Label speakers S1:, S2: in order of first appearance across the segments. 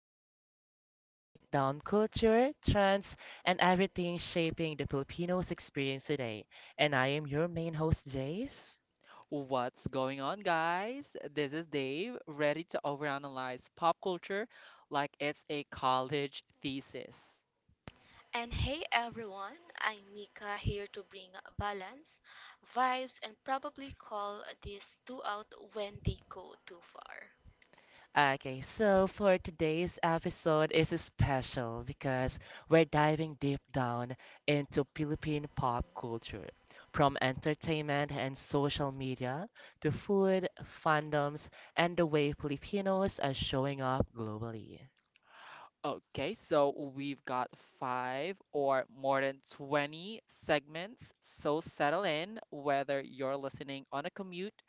S1: the podcast where we break down culture, trends, and everything shaping the Filipinos experience today. And I am your main host, Jace.
S2: What's going on, guys? This is Dave, ready to overanalyze pop culture like it's a college thesis.
S3: And hey everyone, I'm Mika here to bring balance, vibes, and probably call these two out when they go too far.
S1: Okay, so for today's episode is special because we're diving deep down into Philippine pop culture, from entertainment and social media to food, fandoms, and the way Filipinos are showing up globally.
S2: Okay, so we've got five or more than 20 segments, so settle in whether you're listening on a commute,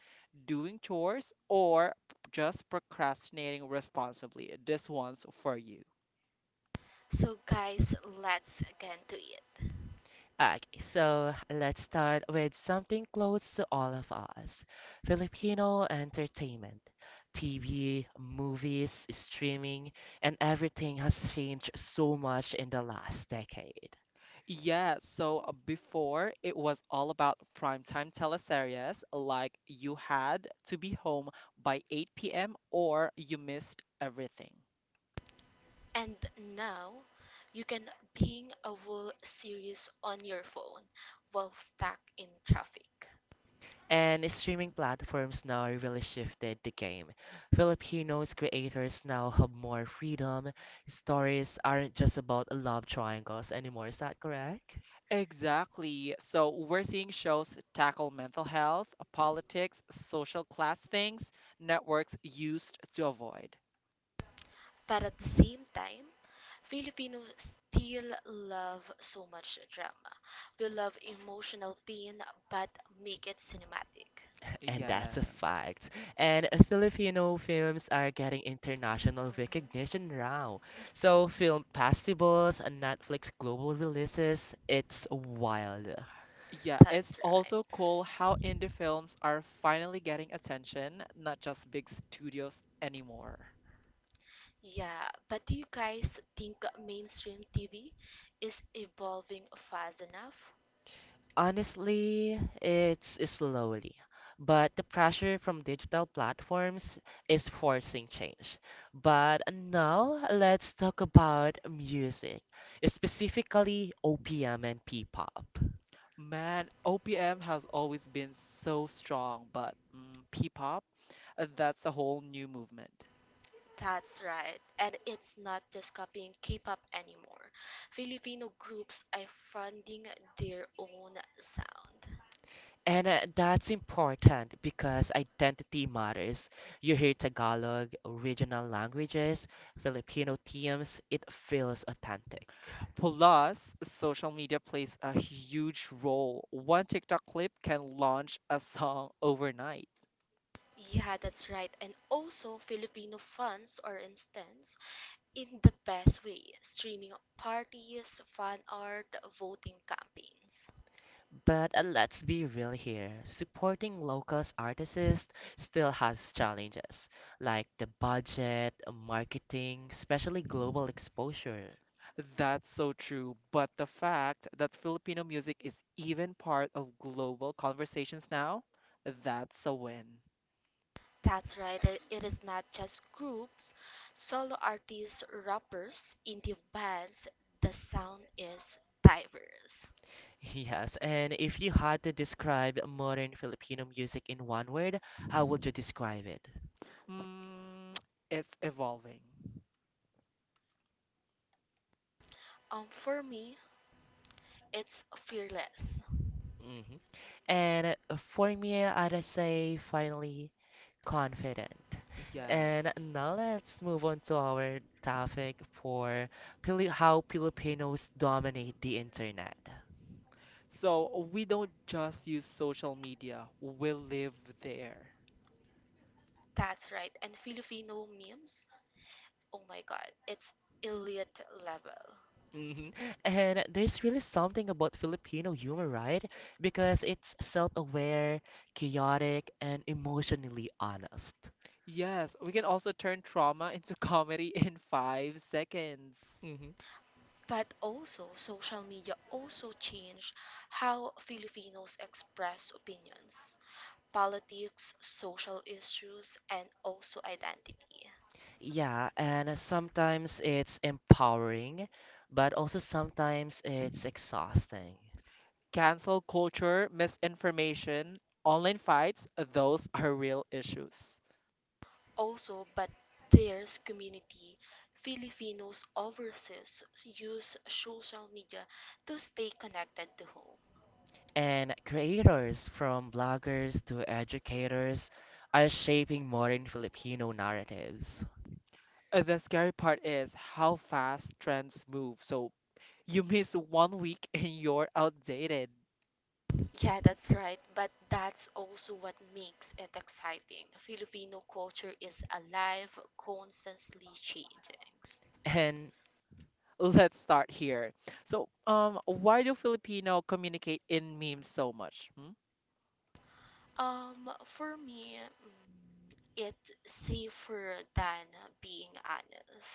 S2: doing chores, or just procrastinating responsibly. This one's for you.
S3: So, guys, let's get to it.
S1: Okay, so let's start with something close to all of us. Filipino entertainment. TV, movies, streaming, and everything has changed so much in the last decade.
S2: Yeah, so before it was all about primetime teleseries, like you had to be home by 8 p.m. or you missed everything.
S3: And now, you can bing a whole series on your phone while stuck in traffic.
S1: And streaming platforms now really shifted the game. Filipinos creators now have more freedom. Stories aren't just about love triangles anymore, is that correct?
S2: Exactly. So we're seeing shows tackle mental health, politics, social class things networks used to avoid.
S3: But at the same time, Filipinos still love so much drama. We love emotional pain but make it cinematic.
S1: And that's a
S2: Yes.
S1: fact. And Filipino films are getting international
S3: Mhm.
S1: recognition now. So, film festivals and Netflix global releases, it's wild.
S2: Yeah, it's
S3: That's right.
S2: also cool how indie films are finally getting attention, not just big studios anymore.
S3: Yeah, but do you guys think mainstream TV is evolving fast enough?
S1: Honestly, it's slowly. But the pressure from digital platforms is forcing change. But now, let's talk about music, specifically OPM and P-pop.
S2: Man, OPM has always been so strong, but P-pop, that's a whole new movement.
S3: That's right. And it's not just copying K-pop anymore. Filipino groups are finding their own sound.
S1: And that's important because identity matters. You hear Tagalog, regional languages, Filipino teams, it feels authentic.
S2: Plus, social media plays a huge role. One TikTok clip can launch a song overnight.
S3: Yeah, that's right. And also Filipino fans, or instance, in the best way, streaming parties, fan art, voting campaigns.
S1: But let's be real here. Supporting local artists still has challenges, like the budget, marketing, especially global exposure.
S2: That's so true, but the fact that Filipino music is even part of global conversations now, that's a win.
S3: That's right. It is not just groups, solo artists, rappers, indie bands. The sound is diverse.
S1: Yes, and if you had to describe modern Filipino music in one word, how would you describe it?
S2: Mm, it's evolving.
S3: For me, it's fearless.
S1: Mhm. And for me, I'd say finally confident. And
S2: Yes.
S1: now let's move on to our topic for how Filipinos dominate the internet.
S2: So we don't just use social media, we live there.
S3: That's right. And Filipino memes. Oh my God, it's elite level.
S1: hmm And there's really something about Filipino humor, right? Because it's self-aware, chaotic, and emotionally honest.
S2: Yes, we can also turn trauma into comedy in 5 seconds.
S1: hmm
S3: But also, social media also changed how Filipinos express opinions, politics, social issues, and also identity.
S1: Yeah, and sometimes it's empowering, but also sometimes it's exhausting.
S2: Cancel culture, misinformation, online fights, those are real issues.
S3: Also, but there's community. Filipinos overseas use social media to stay connected to home.
S1: And creators from bloggers to educators are shaping modern Filipino narratives.
S2: The scary part is how fast trends move. So you miss one week and you're outdated.
S3: Yeah, that's right. But that's also what makes it exciting. Filipino culture is alive, constantly changing.
S1: And
S2: Let's start here. So, why do Filipino communicate in memes so much? Hmm?
S3: For me, it's safer than being honest.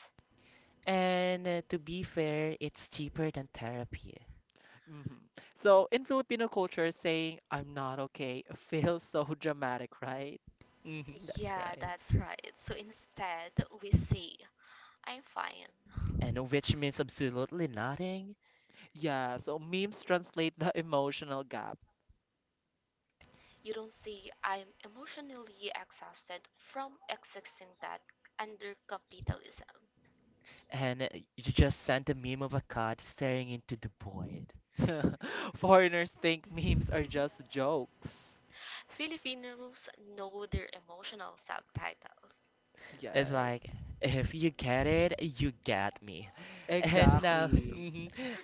S1: and to be fair, it's cheaper than therapy.
S2: Mhm. So in Filipino culture, saying "I'm not okay" feels so dramatic, right?
S1: Mhm, that's
S3: Yeah,
S1: right.
S3: that's right. So instead, we say, I'm fine.
S1: And which means absolutely nothing.
S2: Yeah, so memes translate the emotional gap.
S3: You don't say, I'm emotionally exhausted from existing that under capitalism.
S1: And you just sent a meme of a cat staring into the void.
S2: Foreigners think memes are just jokes.
S3: Filipinos know their emotional subtitles.
S1: It's
S2: Yes,
S1: like if you get it, you get me. And now,
S2: exactly.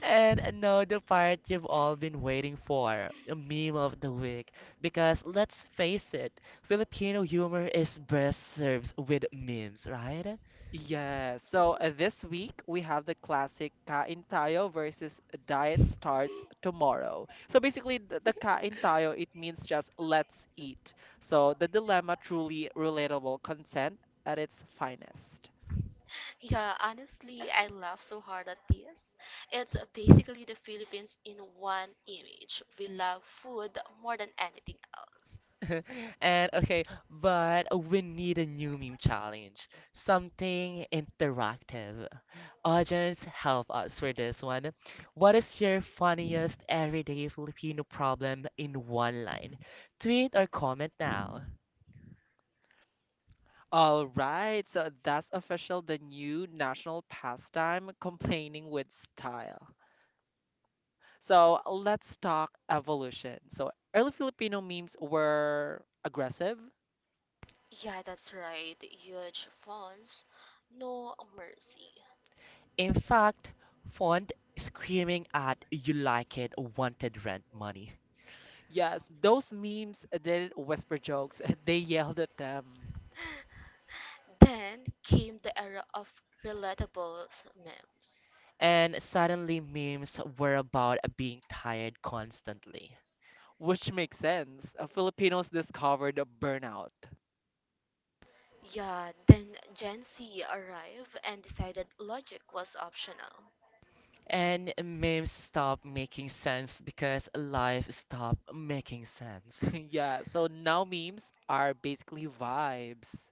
S1: and now the part you've all been waiting for, a meme of the week. Because let's face it, Filipino humor is best served with memes, right?
S2: Yeah, so this week we have the classic Kain Tayo versus Diet Starts Tomorrow. So basically, the Kain Tayo, it means just let's eat. So the dilemma truly relatable consent at its finest.
S3: Yeah, honestly, I laugh so hard at this. It's basically the Philippines in one image. We love food more than anything else.
S1: And okay, but we need a new meme challenge, something interactive. Audience, help us for this one. What is your funniest everyday Filipino problem in one line? Tweet or comment now.
S2: All right, so that's official the new national pastime, complaining with style. So let's talk evolution. So early Filipino memes were aggressive.
S3: Yeah, that's right. Huge fonts, no mercy.
S1: In fact, font screaming at you like it wanted rent money.
S2: Yes, those memes didn't whisper jokes, they yelled at them.
S3: Then came the era of relatable memes.
S1: And suddenly memes were about being tired constantly.
S2: Which makes sense. Filipinos discovered a burnout.
S3: Yeah, then Gen Z arrived and decided logic was optional.
S1: And memes stop making sense because life stopped making sense.
S2: Yeah, so now memes are basically vibes.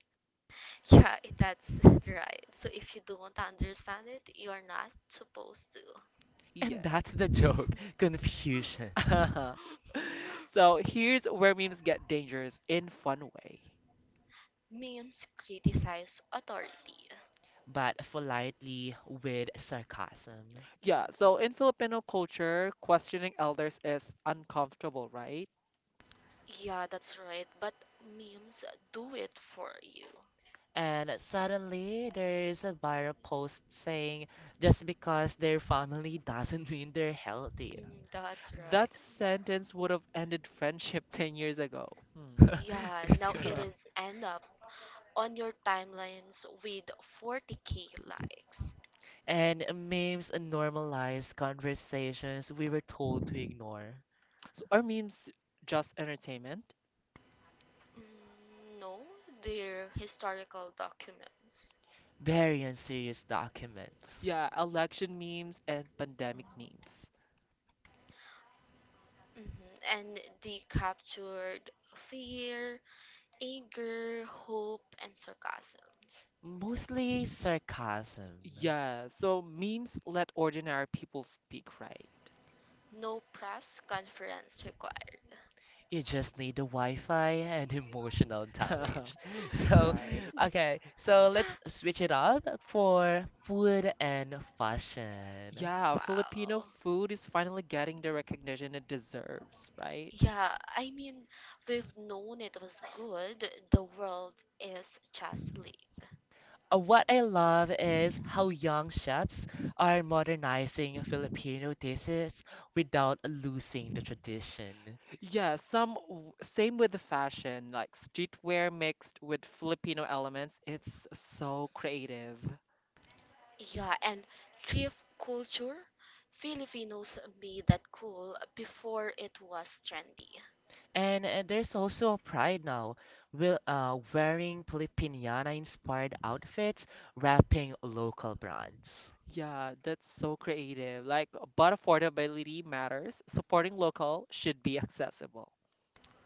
S3: Yeah, that's right. So if you don't understand it, you're not supposed to.
S1: And
S2: Yeah.
S1: that's the joke, confusion,
S2: So here's where memes get dangerous in fun way.
S3: Memes criticize authority.
S1: but politely with sarcasm.
S2: Yeah, so in Filipino culture, questioning elders is uncomfortable, right?
S3: Yeah, that's right. But memes do it for you.
S1: And suddenly there's a viral post saying just because their family doesn't mean they're healthy.
S3: Hmm, that's right.
S2: That sentence would have ended friendship 10 years ago. Hmm.
S3: Yeah,
S1: That's
S3: now it
S1: correct.
S3: is end up on your timelines with 40K likes.
S1: And memes normalize conversations we were told to ignore.
S2: So are memes just entertainment?
S3: Mm, no, they're historical documents.
S1: Very unserious documents.
S2: Yeah, election memes and pandemic memes.
S3: Mhm. And they captured fear, anger, hope, and sarcasm.
S1: Mostly sarcasm.
S2: Yeah, so memes let ordinary people speak, right?
S3: No press conference required.
S1: You just need the Wi-Fi and emotional damage. So,
S2: Right.
S1: okay, so let's switch it up for food and fashion.
S2: Yeah, Filipino
S3: Wow.
S2: food is finally getting the recognition it deserves, right?
S3: Yeah, I mean, we've known it was good. The world is just late.
S1: What I love is how young chefs are modernizing Filipino dishes without losing the tradition.
S2: Yeah, same with the fashion, like streetwear mixed with Filipino elements. It's so creative.
S3: Yeah, and thrift culture, Filipinos made that cool before it was trendy.
S1: And there's also a pride now, will wearing Filipiniana inspired outfits, wrapping local brands.
S2: Yeah, that's so creative. Like, but affordability matters. Supporting local should be accessible.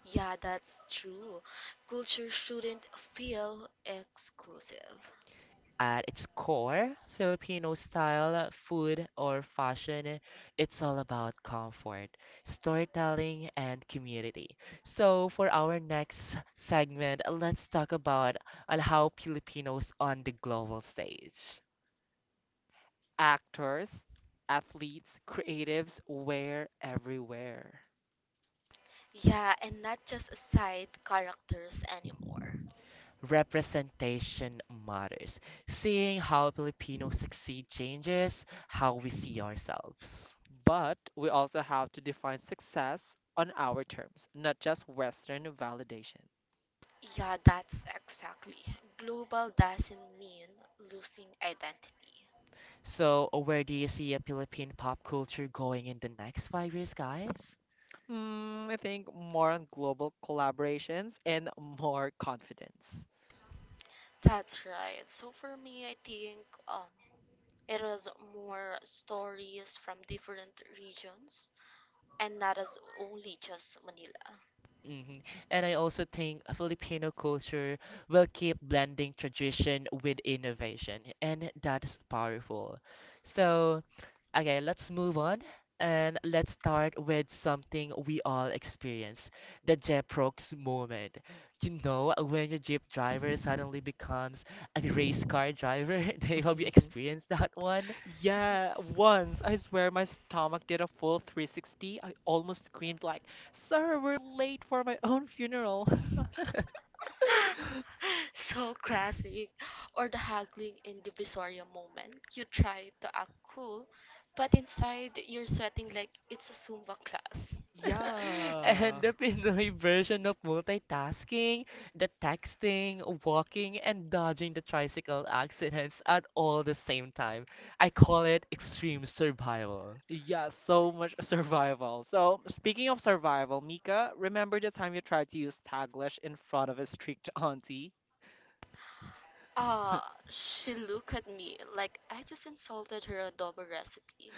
S3: Yeah, that's true. Culture shouldn't feel exclusive.
S1: At its core, Filipino style, food, or fashion, it's all about comfort, storytelling, and community. So, for our next segment, let's talk about on how Filipinos on the global stage.
S2: Actors, athletes, creatives, we everywhere.
S3: Yeah, and not just side characters anymore.
S1: Representation matters. Seeing how Filipinos succeed changes how we see ourselves.
S2: But we also have to define success on our terms, not just Western validation.
S3: Yeah, that's exactly. Global doesn't mean losing identity.
S1: So, where do you see a Philippine pop culture going in the next 5 years, guys?
S2: Hmm, I think more on global collaborations and more confidence.
S3: That's right. So for me, I think it was more stories from different regions and that is only just Manila.
S1: hmm And I also think Filipino culture will keep blending tradition with innovation, and that's powerful. So, okay, let's move on and let's start with something we all experience, the Jeprox moment. You know, when your Jeep driver suddenly becomes a race car driver, they have you experienced that one?
S2: Yeah, once I swear my stomach did a full 360. I almost screamed like, "Sir, we're late for my own funeral."
S3: So classic. Or the haggling in Divisoria moment. You try to act cool, but inside you're sweating like it's a Zumba class.
S1: And
S2: Yeah.
S1: the Pinoy version of multitasking, the texting, walking, and dodging the tricycle accidents at all the same time. I call it extreme survival.
S2: Yeah, so much survival. So, speaking of survival, Mika, remember the time you tried to use Taglish in front of a strict auntie?
S3: Ah, she looked at me like I just insulted her adobo recipe.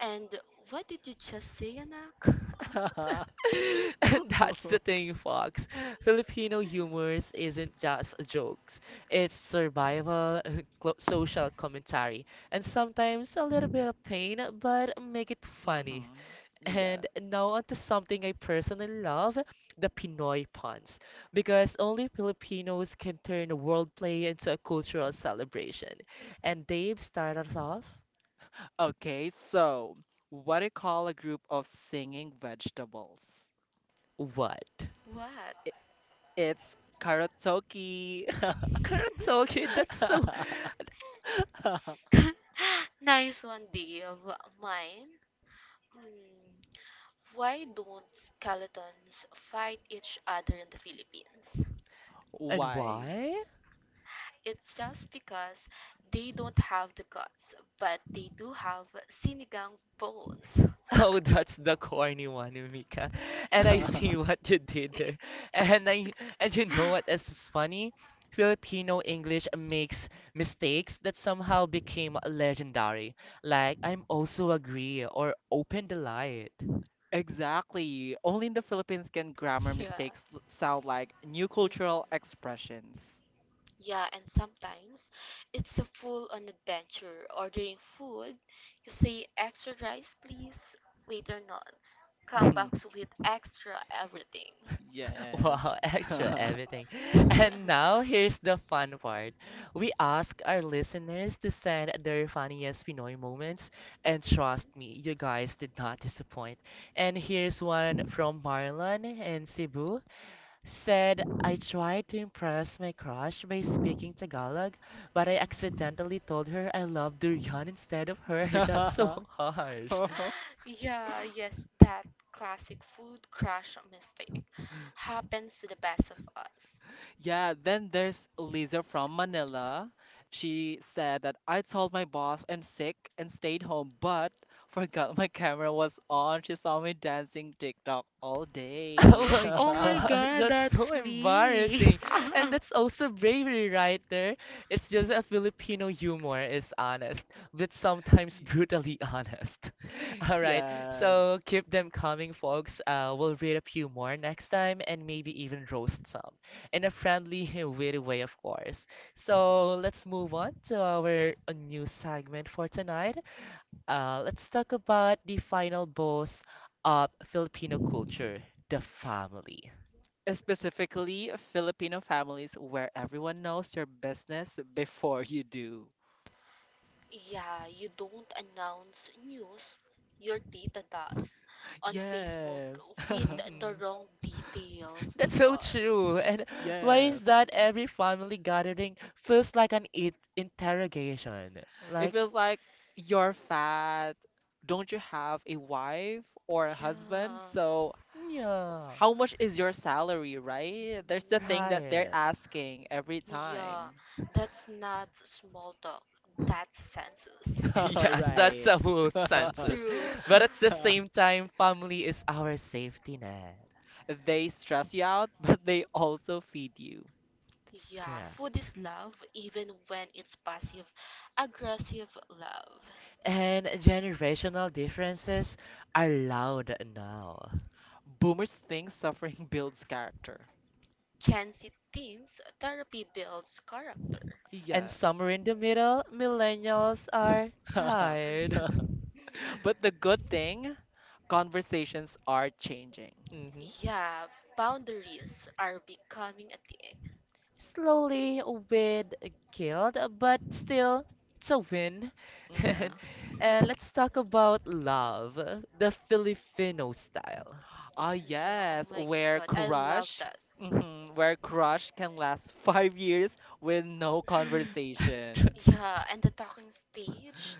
S3: And what did you just say, anak?
S1: And that's the thing, Fox. Filipino humors isn't just jokes. It's survival, social commentary, and sometimes a little bit of pain, but make it funny.
S2: Mm-hmm. Yeah.
S1: And now onto something I personally love, the Pinoy puns, because only Filipinos can turn world play into a cultural celebration. And Dave started us off,
S2: Okay, so what do you call a group of singing vegetables?
S1: what?
S3: What?
S2: I- It's karaoke.
S1: Karatoke, that's so.
S3: Nice one, Dave. Mine? Hmm. Why don't skeletons fight each other in the Philippines?
S1: And
S2: Why?
S1: why?
S3: It's just because they don't have the guts, but they do have sinigang bones.
S1: Oh, that's the corny one, Mika. And I see what you did there. And I and you know what else is funny? Filipino English makes mistakes that somehow became legendary. Like I'm also agree or open delight.
S2: Exactly. Only in the Philippines can grammar
S3: Yeah.
S2: mistakes sound like new
S3: Hmm.
S2: cultural expressions.
S3: Yeah, and sometimes it's a full on adventure. Ordering food, you say extra rice, please. Waiter nods. Come back with extra everything.
S2: Yes.
S1: Wow, extra everything.
S3: Mhm.
S1: And now here's the fun part. We ask our listeners to send their funniest Pinoy moments, and trust me, you guys did not disappoint. And here's one from Marlon in Cebu. Said, I tried to impress my crush by speaking Tagalog, but I
S3: Mhm.
S1: accidentally told her I love durian instead of her. That's so harsh.
S3: Yeah, yes, that classic food crash mistake happens to the best of us.
S2: Yeah, then there's Lisa from Manila. She said that I told my boss I'm sick and stayed home, but forgot my camera was on. She saw me dancing TikTok all
S1: Oh
S2: day.
S1: my
S3: Oh my
S1: God,
S3: god,
S1: that's so
S3: that's me.
S1: embarrassing. And that's also bravery right there. It's just a Filipino humor is honest, but sometimes
S2: Y-
S1: brutally honest. All right,
S2: Yes.
S1: so keep them coming, folks. We'll read a few more next time and maybe even roast some in a friendly, witty way, of course. So let's move on to our new segment for tonight. Let's talk about the final boss of Filipino culture, the family.
S2: Specifically, Filipino families where everyone knows your business before you do.
S3: Yeah, you don't announce news, your tita does on Facebook
S2: Yes.
S3: with the
S1: hmm
S3: wrong details. My
S1: That's so
S3: God.
S1: true. And why is
S2: Yes.
S1: that every family gathering feels like an it interrogation?
S2: It
S1: Like,
S2: feels like you're fat. Don't you have a wife or a husband?
S3: Yeah.
S2: So,
S1: yeah,
S2: how much is your salary, right? There's the thing
S3: Mhm.
S2: that they're
S1: right.
S2: asking every
S3: Yeah,
S2: time.
S3: that's not small talk, that's census.
S1: Yes, that's
S2: Right.
S1: a whole census.
S3: True.
S1: But at the same time, family is our safety net.
S2: They stress you out, but they also feed you.
S1: That's
S3: Yeah, food
S1: correct.
S3: is love, even when it's passive aggressive love.
S1: And generational differences are loud now.
S2: Boomers think suffering builds character.
S3: Chancy thinks therapy builds character.
S1: And
S2: Yes.
S1: somewhere in the middle, millennials are tired.
S3: Hmm.
S2: But the good thing, conversations are changing.
S1: Mhm.
S3: Yeah, boundaries are becoming a thing.
S1: Slowly with guilt, but still, it's a win. and,
S2: Hmm
S3: Yeah.
S1: and let's talk about love, the Filipino style.
S2: Ah,
S3: Yeah, oh
S2: yes,
S3: my god, I love that.
S2: where
S3: Mhm.
S2: crush can last 5 years with no conversation.
S1: That's
S3: Yeah, and the talking stage,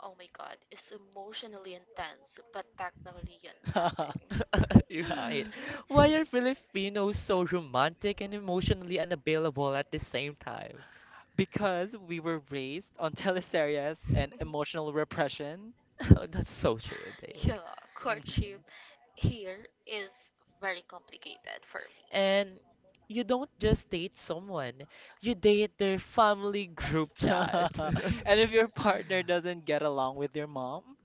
S3: oh my god, is emotionally intense, but technically yet nothing.
S1: you're right. Why are Filipinos so romantic and emotionally unavailable at the same time?
S2: Because we were raised on teleseries and emotional repression.
S1: That's so true, Dave.
S3: Yeah, courtship
S2: Mhm.
S3: here is very complicated for me.
S1: And you don't just date someone, you date their family group chat.
S2: And if your partner doesn't get along with your mom,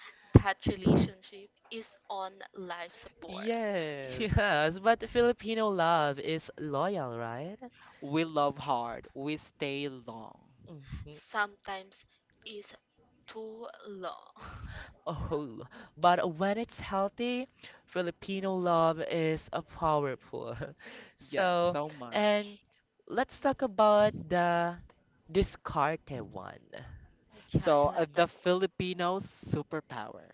S3: That relationship is on life support.
S2: yes,
S1: Yes, but Filipino love is loyal, right?
S2: we love hard, we stay long.
S1: hmm
S3: Sometimes is too long.
S1: Oh, but when it's healthy, Filipino love is a powerful.
S2: Yes,
S1: So,
S2: so
S1: and
S2: much.
S1: let's talk about the discarded one.
S3: Yeah,
S2: So,
S3: I love that
S2: the
S3: one.
S2: Filipino superpower.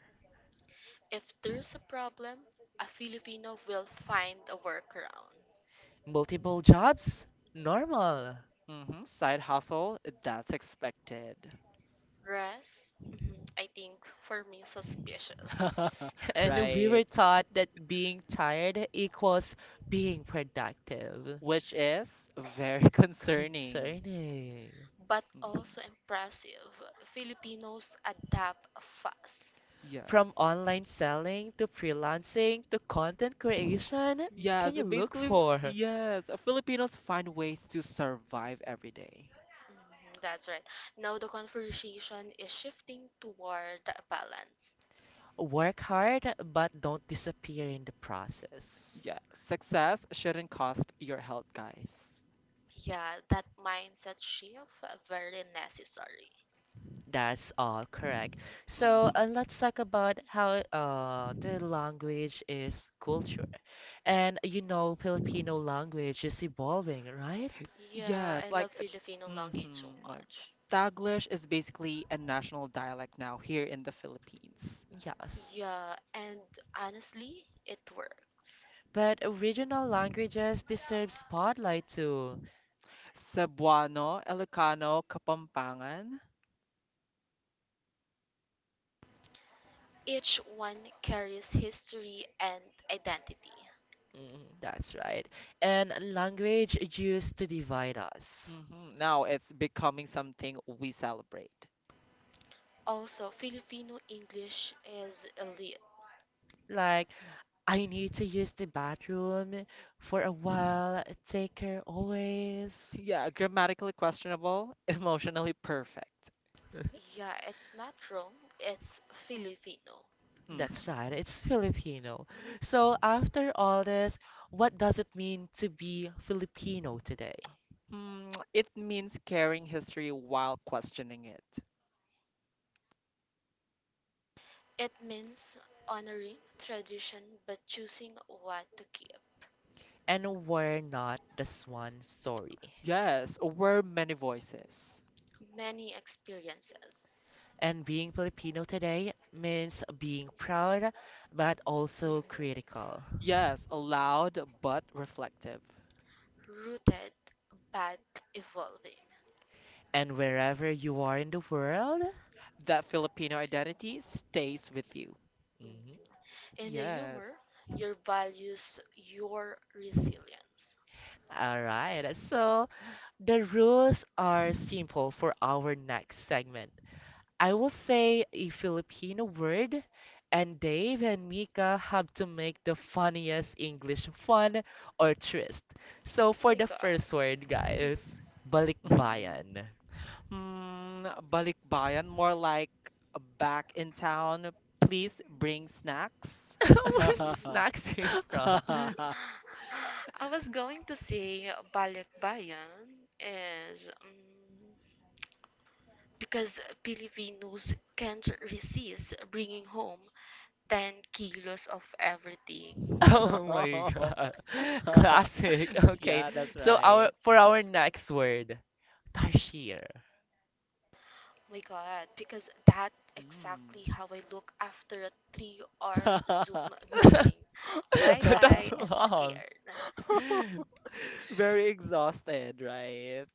S3: If there's a problem, a Filipino will find a workaround.
S1: Multiple jobs? Normal.
S2: Hmm Side hustle, that's expected.
S3: Rest, mhm, I think for me suspicious.
S1: And we
S2: Right.
S1: were taught that being tired equals being productive.
S2: Which is very concerning.
S1: Concerning.
S3: But
S2: Mhm.
S3: also impressive. Filipinos adapt fast.
S1: From
S2: Yes.
S1: online selling to freelancing to content creation, what can you
S3: Mhm.
S1: look for?
S2: Filipinos find ways to survive every day.
S3: Mhm, that's right. Now the conversation is shifting toward balance.
S1: Work hard, but don't disappear in the process.
S2: Yeah, success shouldn't cost your health, guys.
S3: Yeah, that mindset shift very necessary.
S1: That's all correct. So
S2: Hmm
S1: let's talk about how the language is culture. And you know, Filipino language is evolving, right?
S3: Yeah, I
S2: Yes, like,
S3: love Filipino language so
S2: mm-hmm, like
S3: much.
S2: Taglish is basically a national dialect now here in the Philippines.
S1: Yes.
S3: Yeah, and honestly, it works.
S1: But original languages deserve spotlight too.
S2: Cebuano, Ilocano, Kapampangan.
S3: Each one carries history and identity.
S1: Mm, that's right. And language used to divide us.
S2: Hmm Now it's becoming something we celebrate.
S3: Also, Filipino English is elite.
S1: Like, I need to use the bathroom for a while, take her always.
S2: Yeah, grammatically questionable, emotionally perfect.
S3: Yeah, it's not wrong, it's Filipino.
S2: Hmm
S1: That's right, it's Filipino. So, after all this, what does it mean to be Filipino today?
S2: Hmm, it means carrying history while questioning it.
S3: It means honoring tradition but choosing what to keep.
S1: And we're not the swan story.
S2: Yes, we're many voices.
S3: Many experiences.
S1: And being Filipino today means being proud but
S3: Mhm.
S1: also critical.
S2: Yes, loud but reflective.
S3: Rooted but evolving.
S1: And wherever you are in the world,
S2: That Filipino
S3: Okay.
S2: identity stays with you.
S1: mhm.
S3: Mhm. In the humor,
S2: Yes.
S3: your values, your resilience.
S1: All right. So the rules are simple for our next segment. I will say a Filipino word, and Dave and Mika have to make the funniest English fun or twist. So
S3: Oh
S1: for
S3: my
S1: the
S3: god.
S1: first word, guys,
S3: Mhm.
S1: balikbayan.
S2: Mm, balikbayan, more like back in town. Please bring snacks.
S1: Where's the snacks came from?
S3: I was going to say balikbayan is because Filipinos can't resist bringing home 10 kilos of everything.
S1: Oh my God. Classic. Okay.
S2: Yeah, that's
S1: So our
S2: right.
S1: for our next word, Tarshir.
S3: My God, because that exactly
S2: Mm.
S3: how I look after a 3-hour Zoom meeting,
S1: That's
S3: wide-eyed and
S1: long.
S3: scared.
S2: Very exhausted, right?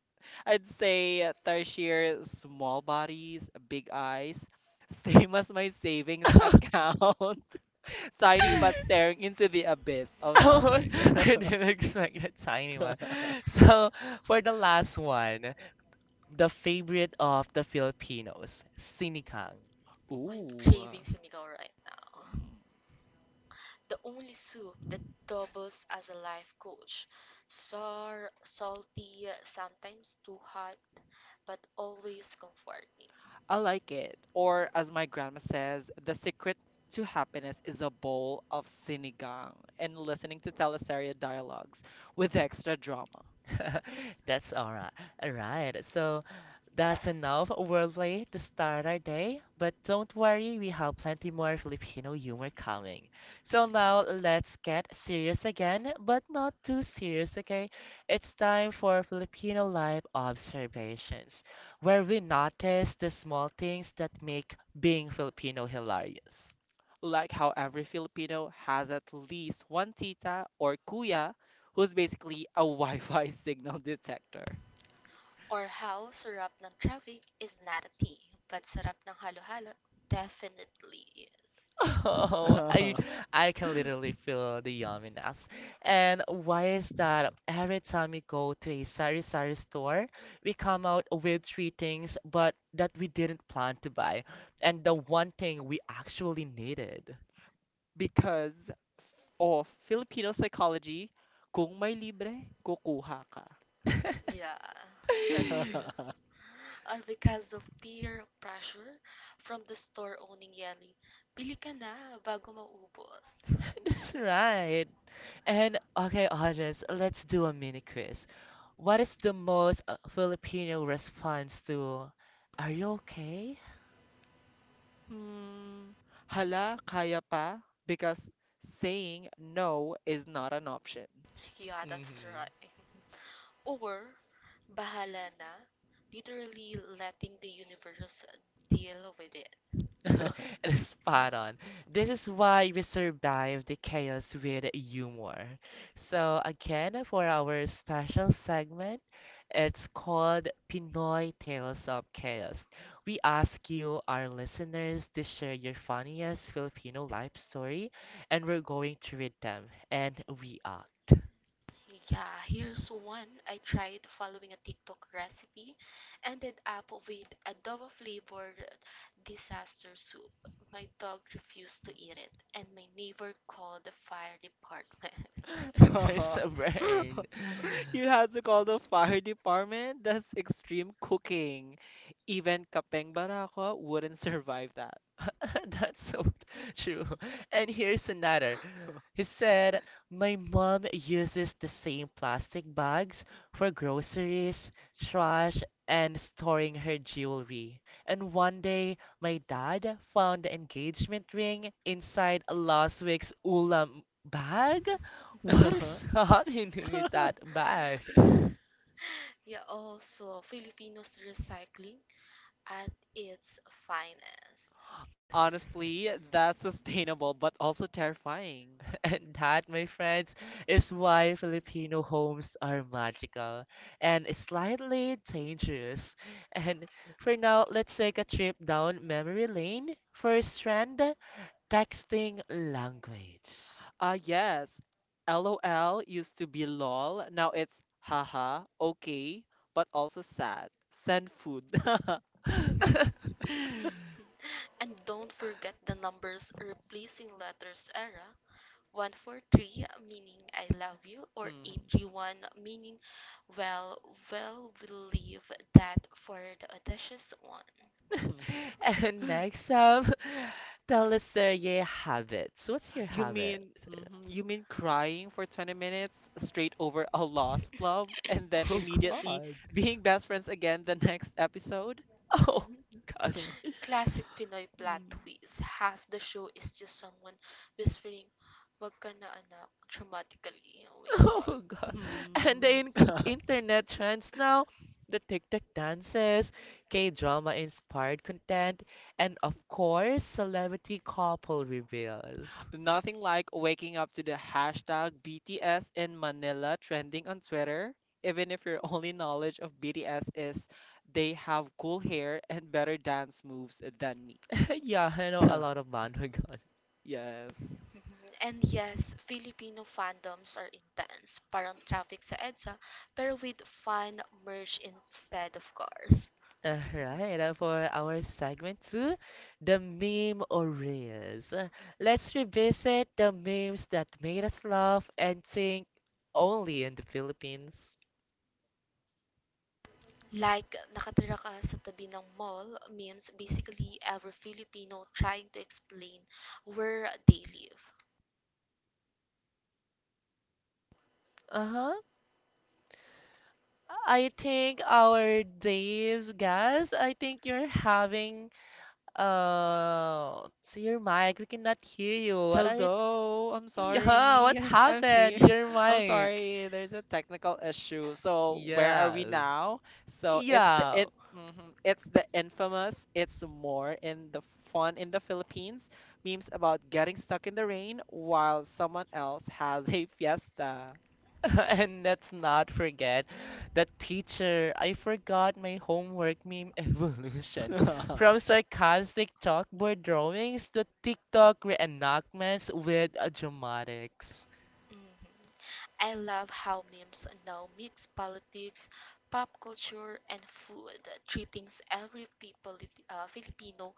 S2: I'd say Tarshir, small bodies, big eyes, same as my savings account, tiny but staring into the abyss of
S1: Oh,
S2: nothing.
S3: Yeah.
S1: I didn't expect a tiny one. So for the last one, the favorite of the Filipinos, sinikang.
S3: I'm
S2: Ooh.
S3: craving sinigaw right now.
S2: Mm.
S3: The only soup that doubles as a life coach. Sour, salty, sometimes too hot, but always comforting.
S2: I like it. Or as my grandma says, the secret to happiness is a bowl of sinigang and listening to teleserye dialogues with extra drama.
S1: That's all right. All right. So that's enough worldly to start our day, but don't worry, we have plenty more Filipino humor coming. So
S2: Mhm.
S1: now let's get serious again, but not too serious, okay? It's time for Filipino life observations, where we notice the small things that make being Filipino hilarious.
S2: Like how every Filipino has at least one tita or kuya who's basically a Wi-Fi signal detector.
S3: Or how sarap ng traffic is not a tea, but sarap ng halo-halo definitely is.
S1: Oh, I I can literally feel the yumminess. And why is that every time we go to a sari sari store, we come out with three things, but that we didn't plan to buy, and the one thing we actually needed.
S2: Because of Filipino psychology, kung may libre, kukuha ka.
S3: Yeah, that's true. Or because of peer pressure from the store owning yelling, Bili ka na bago maubos.
S1: That's right. And okay, audience, let's do a mini quiz. What is the most Filipino response to "Are you okay?"
S2: Hmm, hala, kaya pa? Because saying no is not an option.
S3: Yeah, that's
S1: hmm
S3: right. Or, bahala na, literally letting the universe deal with it.
S1: And spot on. This is why we survive the chaos with humor. So, again, for our special segment, it's called Pinoy Tales of Chaos. We ask you, our listeners, to share your funniest Filipino life story, and we're going to read them. And we are.
S3: Yeah, here's one. I tried following a TikTok recipe, ended up with adobo flavored disaster soup. My dog refused to eat it, and my neighbor called the fire department.
S1: There's a burn.
S2: You have to call the fire department? That's extreme cooking. Even Kapeng Barako wouldn't survive that.
S1: That's so true. And here's another. He said, my mom uses the same plastic bags for groceries, trash, and storing her jewelry. And one day, my dad found the engagement ring inside last week's ulam bag. What is happening with that bag?
S3: Yeah, also Filipinos recycling at its finest.
S2: Honestly, that's sustainable but also terrifying.
S1: And that, my friends, is why Filipino homes are magical and slightly dangerous. And for now, let's take a trip down memory lane. First, strand texting language.
S2: Ah, yes. LOL used to be lol. Now it's haha, okay, but also sad. Send food.
S3: And don't forget the numbers replacing letters era. 143 meaning I love you or
S2: Mhm.
S3: 831 meaning well well we leave that for the audacious one.
S1: And next up, tell us your habits. What's your habit?
S2: You mean crying for 20 minutes straight over a lost love and then
S1: Oh
S2: immediately
S1: God.
S2: being best friends again the next episode?
S1: Oh
S3: Mm-hmm.
S1: gosh.
S3: Classic Pinoy plot
S2: Mm,
S3: twist. Half the show is just someone whispering, "Wag ka na anak," dramatically. Oh my god.
S1: Oh God. And the
S2: mhm.
S1: inc internet trends now, the TikTok dances, K-drama inspired content, and of course, celebrity couple reveals.
S2: Nothing like waking up to the hashtag BTS in Manila trending on Twitter, even if your only knowledge of BTS is they have cool hair and better dance moves than me.
S1: Yeah, I know a lot of God!
S2: Yes.
S3: Mhm. And yes, Filipino fandoms are intense. Parang traffic sa EDSA, pero with fun merged instead of cars.
S1: Alright, for our segment two, the meme or reels. Let's revisit the memes that made us laugh and think only in the Philippines.
S3: Like, nakatira ka sa tabi ng mall means basically every Filipino trying to explain where they live.
S1: Uh-huh. I think our Dave, guys, I think you're having so your mic, we cannot hear you. What are you
S2: Hello, I'm
S1: yeah,
S2: sorry.
S1: what
S2: I'm
S1: happened?
S2: here.
S1: Your
S2: I'm
S1: mic.
S2: sorry. There's a technical issue. So where are we
S1: Yeah.
S2: now? So
S1: Yeah.
S2: it's the infamous. It's more in the fun in the Philippines. Memes about getting stuck in the rain while someone else has a fiesta.
S1: And let's not forget the teacher. I forgot my homework meme evolution. From sarcastic chalkboard drawings to TikTok reenactments with dramatics.
S3: Mhm. I love how memes now mix politics, pop culture, and food, three things every people, Filipino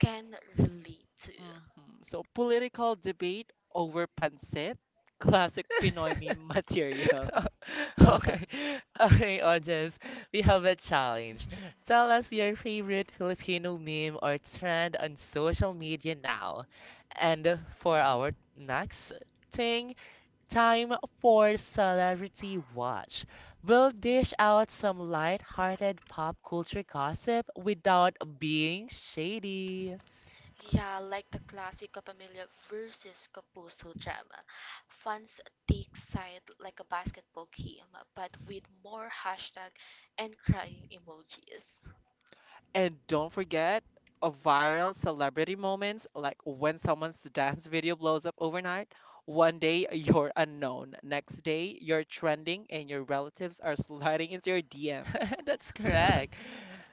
S3: can relate to.
S2: Mhm. So political debate over pancit, classic Pinoy meme material.
S1: Okay, okay, audience, we have a challenge. Tell us your favorite Filipino meme or trend on social media now. And for
S2: Mhm.
S1: our next thing, time for Celebrity Watch. We'll dish out some light-hearted pop culture gossip without being shady.
S3: Yeah, like the classic Capamilya versus Kapuso drama. Fans take side like a basketball game, but with more hashtag and crying emojis.
S2: And don't forget a viral celebrity moments like when someone's dance video blows up overnight. One day you're unknown, next day you're trending, and your relatives are sliding into your DMs.
S1: That's correct.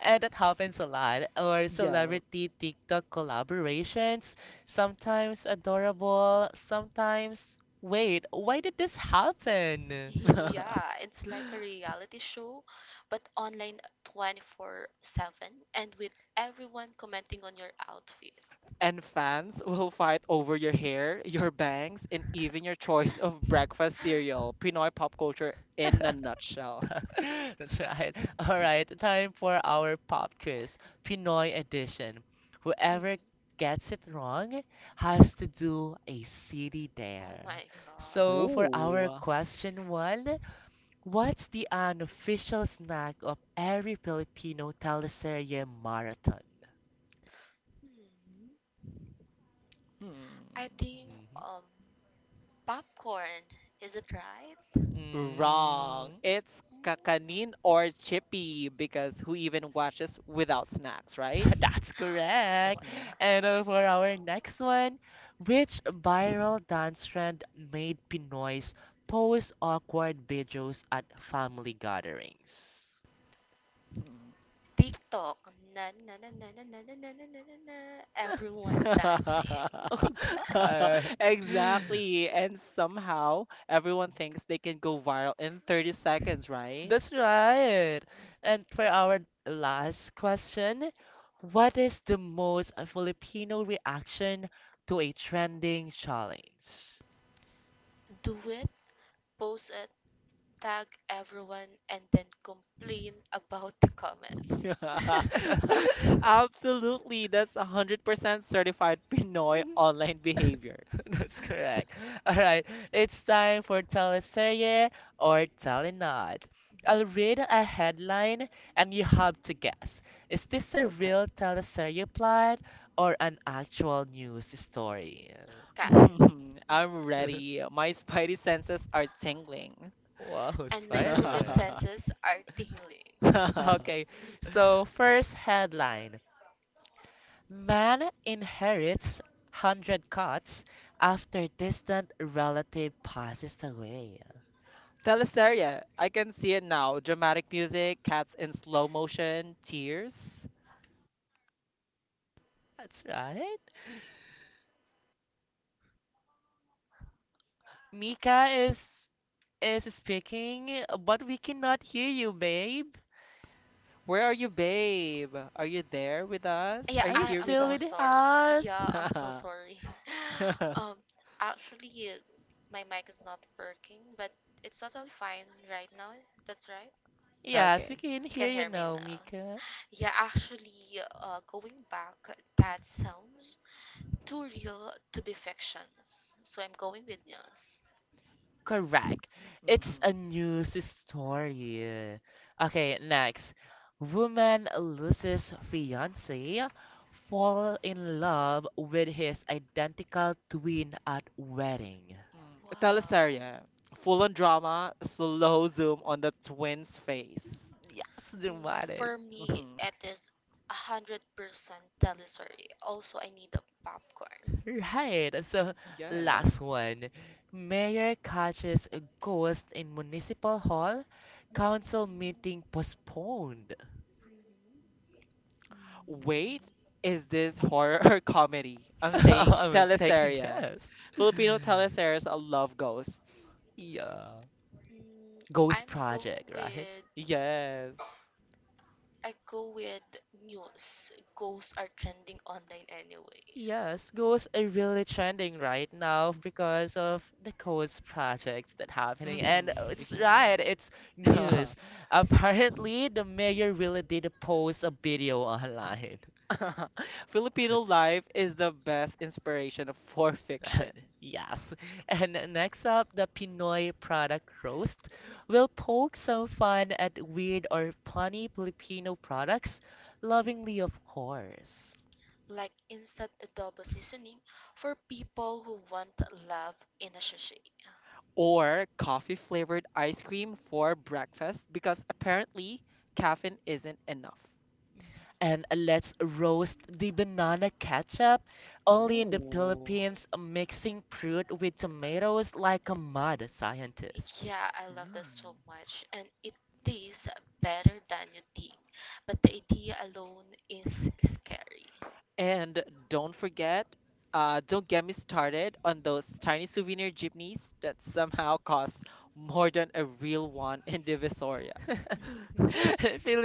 S1: And that happens a lot. Or
S2: Yes.
S1: celebrity TikTok collaborations, sometimes adorable, sometimes. Wait, why did this happen?
S3: Yeah, it's like a reality show, but online 24/7 and with everyone commenting on your outfit.
S2: And fans will fight over your hair, your bangs, and even your choice of breakfast cereal. Pinoy pop culture in a nutshell.
S1: That's right. All right, time for our pop quiz, Pinoy edition.
S3: Mhm.
S1: Whoever gets it wrong has to do a city
S3: Oh
S1: dare.
S3: my god.
S1: So for
S3: Yeah.
S2: Ooh.
S1: our question one, what's the unofficial snack of every Filipino teleserye marathon?
S3: Hmm. I
S2: Hmm.
S3: think
S1: Mhm.
S3: um popcorn, is it right?
S2: Wrong. It's
S3: Hmm.
S2: kakanin or chippy because who even watches without snacks, right?
S1: That's
S3: Oh my
S1: correct.
S2: Mhm.
S3: god.
S1: And for our next one, which viral dance trend made Pinoys post awkward videos at family gatherings?
S2: Mhm.
S3: TikTok. Na na na na na na na na na na na na. Everyone dancing.
S1: Oh God.
S2: Exactly. And somehow everyone thinks they can go viral in 30 seconds, right?
S1: That's right. And for our last question, what is the most Filipino reaction to a trending challenge?
S3: Do it, post it, tag everyone, and then complain about the comments. Got
S2: Absolutely. That's 100% certified Pinoy online behavior.
S1: That's correct. All right, it's time for teleserye or telenod. I'll read a headline and you have to guess. Is this a
S2: Okay.
S1: real teleserye plot or an actual news story?
S3: it. Mhm.
S2: I'm ready. My spidey senses are tingling.
S1: Wow,
S3: And my hugot
S1: Spider-Man.
S3: senses are tingling.
S1: Okay, so first headline, man inherits 100 cats after distant relative passes away.
S2: Teleseria. I can see it now. Dramatic music, cats in slow motion, tears.
S1: That's right. Mika is speaking, but we cannot hear you, babe.
S2: Where are you, babe? Are you there with us?
S3: Yeah,
S2: Are
S1: Are
S2: you
S1: you
S2: here
S3: I'm
S2: with
S1: still
S3: so
S1: with
S3: sorry. Yeah,
S1: us?
S3: I'm so
S2: us?
S3: sorry. um, Actually, my mic is not working, but it's totally fine right now. That's right.
S1: Yes, we
S2: Okay.
S1: can
S3: You
S1: hear
S3: can
S1: you
S3: hear me
S1: now,
S3: now.
S1: Mika.
S3: Yeah, actually, going back, that sounds too real to be fictions. So I'm going with yes.
S1: Correct.
S2: Mm-hmm.
S1: It's a news story. Okay, next. Woman loses fiance, fall in love with his identical twin at wedding.
S2: Mm.
S3: Wow.
S2: Teleseria. Full on drama, slow zoom on the twins' face.
S1: Yes, dramatic.
S3: For me,
S2: Hmm
S3: it is 100% telestory. Also, I need a popcorn.
S1: Right. So,
S2: Yes.
S1: last one. Mayor catches a ghost in municipal hall, council meeting postponed.
S2: Wait, is this horror or comedy? I'm saying
S1: Take a
S2: teleseria.
S1: guess.
S2: Filipino teleseries love ghosts.
S1: Yeah.
S3: Mm,
S1: Ghost
S3: I'm go
S1: Project, right?
S3: with
S2: Yes.
S3: I go with news. Ghosts are trending online anyway.
S1: Yes, ghosts are really trending right now because of the ghost projects that happening. And
S2: Mm-hmm.
S1: it's right, it's
S2: Yeah.
S1: news. Apparently, the mayor really did post a video online.
S2: Filipino life is the best inspiration for fiction.
S1: Yes. And next up, the Pinoy product roast will poke some fun at weird or funny Filipino products, lovingly, of course.
S3: Like instant adobo seasoning for people who want love in a sachet.
S2: Or coffee flavored ice cream for breakfast because apparently caffeine isn't enough.
S1: And let's roast the banana ketchup. Only in the
S2: Ooh.
S1: Philippines, mixing fruit with tomatoes like a mad scientist.
S3: Yeah, I love that so
S2: Mm.
S3: much, and it tastes better than you think. But the idea alone is scary.
S2: And don't forget, don't get me started on those tiny souvenir jeepneys that somehow cost more than a real one in Divisoria.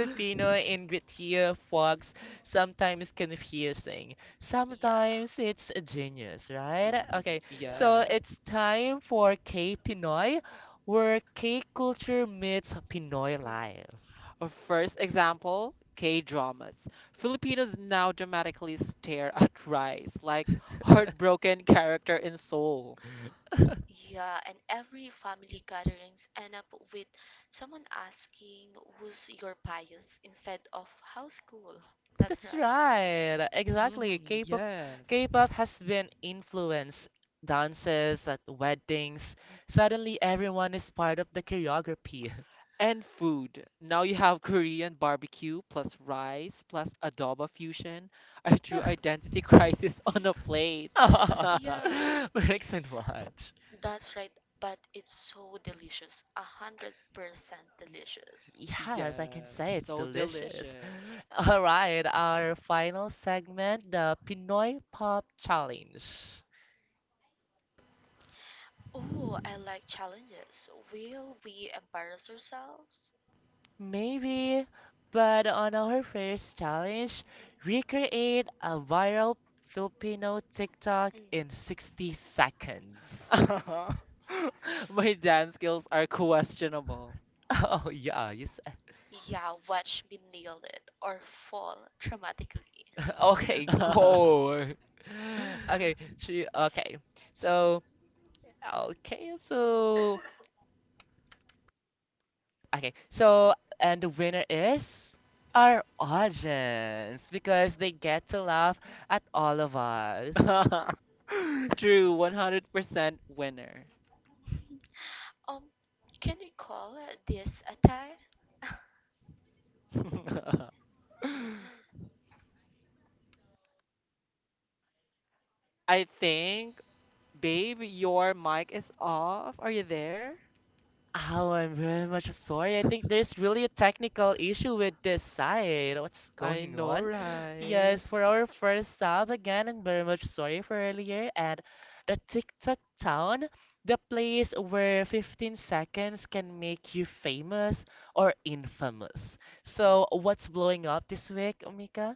S1: ingrit here, folks, sometimes confusing.
S3: Yeah,
S1: Sometimes it's a genius, right?
S2: mm.
S1: Okay, so
S3: yeah.
S2: Yeah.
S1: it's time for K Pinoy, where K culture meets Pinoy life.
S3: Hmm.
S2: First example, K dramas. Filipinos now dramatically stare at rice, like heartbroken character in Seoul.
S3: Yeah, and every family gatherings end up with someone asking who's your bias instead of how's cool. That's
S1: That's
S3: right.
S1: right. Exactly.
S2: Hmm yes.
S1: K-pop has been influenced dances at weddings. Suddenly everyone is part of the choreography.
S2: And food. Now you have Korean barbecue plus rice plus adobo fusion. A true identity crisis on a plate.
S3: Yeah, mhm.
S1: Mix and watch.
S3: That's right, but it's so delicious. 100% delicious.
S1: Yes, I can
S2: Yes,
S1: say it's
S2: so
S1: delicious.
S2: delicious.
S1: All right, our final segment, the Pinoy Pop Challenge.
S3: Oh, I like challenges. Will we embarrass ourselves?
S1: Maybe, but on our first challenge, recreate a viral Filipino TikTok
S3: Mhm.
S1: in 60 seconds.
S2: My dance skills are questionable.
S1: Oh, yeah, yes.
S3: Yeah, watch me nail it or fall dramatically.
S1: Okay, go.
S3: Mhm.
S1: Okay, she, okay. So, okay, so, okay, so, and the winner is our audience because they get to laugh at all of us.
S2: True, 100% winner.
S3: Um, can you call this a tie?
S2: I think, babe, your mic is off. Are you there?
S1: Oh, I'm very much sorry. I think there's really a technical issue with this side. What's
S2: I
S1: going
S2: know,
S1: on?
S2: right?
S1: Yes, for our first stop again, I'm very much sorry for earlier. And the TikTok town, the place where 15 seconds can make you famous or infamous. So, what's blowing up this week, Omika?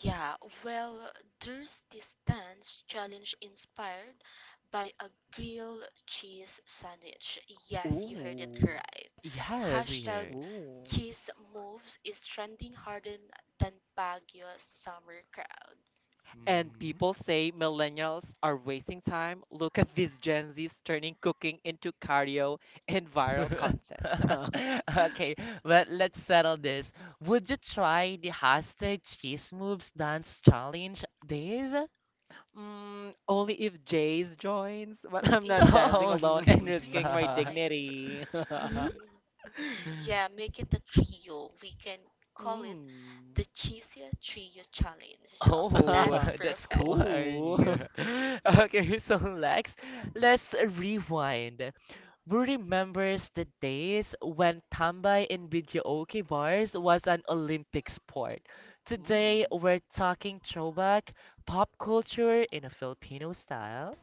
S3: Yeah, well, there's this dance challenge inspired by a grilled cheese sandwich. Yes, you heard it
S2: Ooh,
S3: right.
S1: Yes, we
S3: Hashtag
S1: heard.
S2: ooh.
S3: cheese moves is trending harder than Baguio's summer crowds.
S2: And
S1: Mm-hmm.
S2: people say millennials are wasting time. Look at these Gen Zs turning cooking into cardio and viral content. mm,
S1: Okay, but let's settle this. Would you try the hashtag cheese moves dance challenge, Dave?
S2: only if Jays joins, but I'm not
S3: Yeah,
S2: dancing
S1: No,
S2: alone
S3: can
S2: and
S1: no.
S3: you please
S2: risking my
S1: no.
S3: join?
S2: dignity.
S3: Yeah, make it a trio. We can call it
S2: mm.
S3: the Cheesy Trio Challenge. Okay,
S1: Oh,
S3: that's
S1: that's
S3: perfect.
S2: Ooh.
S1: corny. Okay, so Lex, let's rewind. Who remembers the days when tambay in videoke bars was an Olympic sport? Today,
S2: Mm.
S1: we're talking throwback pop culture in a Filipino style.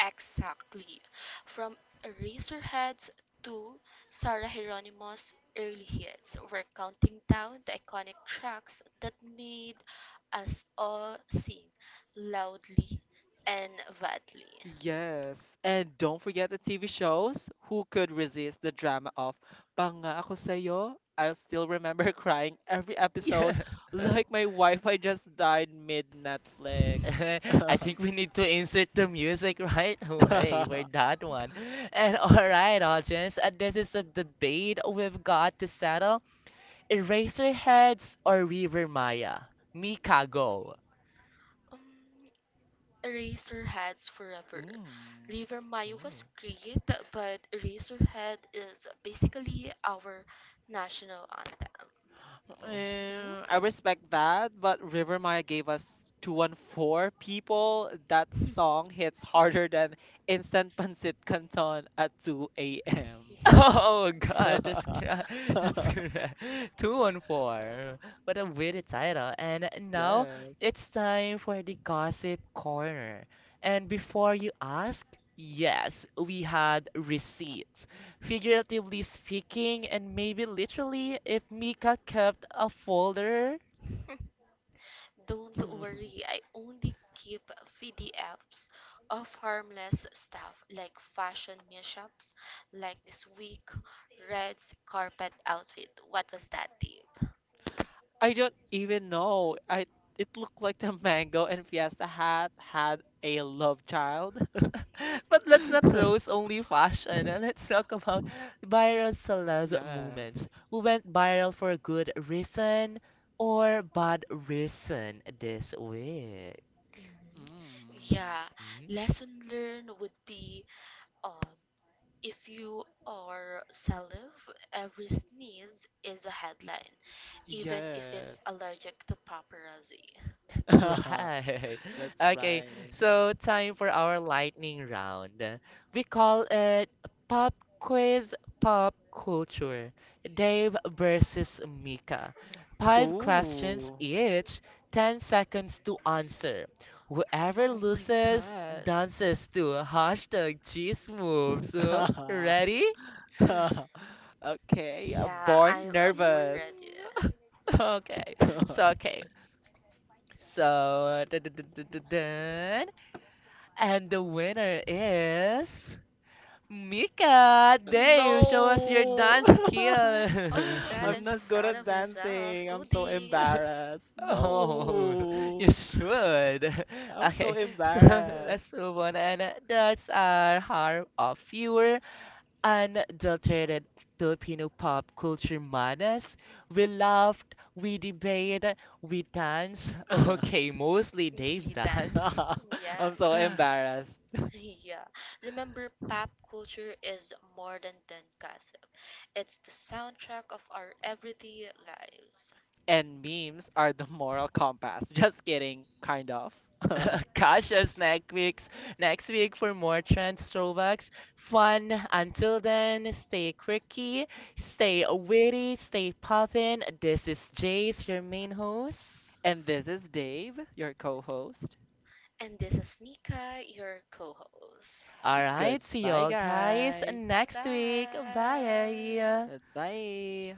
S3: Exactly. From Eraserheads to Sarah Hieronymo's early hits, we're counting down the iconic tracks that made us all sing loudly and badly.
S2: Yes. And don't forget the TV shows. Who could resist the drama of Pangako Sayo? I still remember crying every episode
S1: Yeah.
S2: like my Wi-Fi just died mid Netflix.
S1: I think we need to insert the music right away for that one. And all right, audience, this is a debate we've got to settle. Eraserheads or River Maya? Mika, go.
S3: Um, Eraserheads forever.
S2: Mm.
S3: River Mayo was great, but Eraserhead is basically our national anthem.
S1: Mm.
S2: Eh, I respect that, but River Maya gave us 214 people. That song hits harder than instant pancit canton at 2 a.m.
S3: Yeah.
S1: Oh God, that's correct. That's correct. 214. What a weird title. And now
S2: Yes.
S1: it's time for the gossip corner. And before you ask, yes, we had receipts. Figuratively speaking, and maybe literally, if Mika kept a folder.
S3: Don't worry, I only keep PDFs of harmless stuff like fashion mishaps, like this week, Red's carpet outfit. What was that, Dave?
S2: I don't even know. I It looked like the mango and Fiesta hat had a love child.
S1: But let's
S3: Mhm.
S1: not roast only fashion. And let's talk about viral celeb
S2: Yes.
S1: moments who went viral for a good reason or bad reason this week.
S3: Hmm.
S2: Mm.
S3: Yeah,
S1: Hmm?
S3: lesson learned would be um, if you are salive, every sneeze is a headline, even if it's
S2: Yes.
S3: allergic to paparazzi.
S1: That's right.
S2: That's
S1: Okay,
S2: right.
S1: so time for our lightning round. We call it Pop Quiz Pop Culture. Dave versus Mika. Five questions
S2: Ooh.
S1: each, 10 seconds to answer. Whoever
S3: Oh my
S1: loses
S3: god.
S1: dances to hashtag cheese moves. Huh? Ready?
S2: Okay,
S3: Yeah, I'm
S2: born
S3: a born
S2: nervous.
S3: ready.
S1: Mm, Okay, so okay. So, dun, dun, dun, dun, dun, dun. And the winner is Mika. Dave, show us your
S2: No.
S1: dance
S3: Oh my
S1: skills.
S3: god, I'm
S2: I'm
S3: so
S2: not good
S3: proud
S2: at
S3: of myself.
S2: dancing. I'm so
S3: Goody.
S2: embarrassed.
S1: Oh, you
S2: No.
S1: should.
S2: I'm so
S1: Okay, so
S2: embarrassed.
S1: let's move on. And that's our harm of pure, unadulterated Filipino pop culture madness. We laughed, we debated, we danced.
S3: Mhm.
S1: Okay, mostly
S3: It's
S1: Dave
S3: Lida.
S1: dance.
S2: I'm
S3: Yes.
S2: so embarrassed.
S3: Yeah. Remember, pop culture is more than gossip. It's the soundtrack of our everyday lives.
S2: And memes are the moral compass. Just kidding, kind of.
S3: Mhm.
S1: Cautious next week for more trends, throwbacks, fun. Until then, stay quirky, stay witty, stay poppin'. This is Jace, your main host.
S2: And this is Dave, your co-host.
S3: And this is Mika, your co-host.
S1: All right, see
S2: Goodbye,
S1: y'all guys
S2: guys.
S3: Bye.
S1: next week. Bye.
S2: Bye.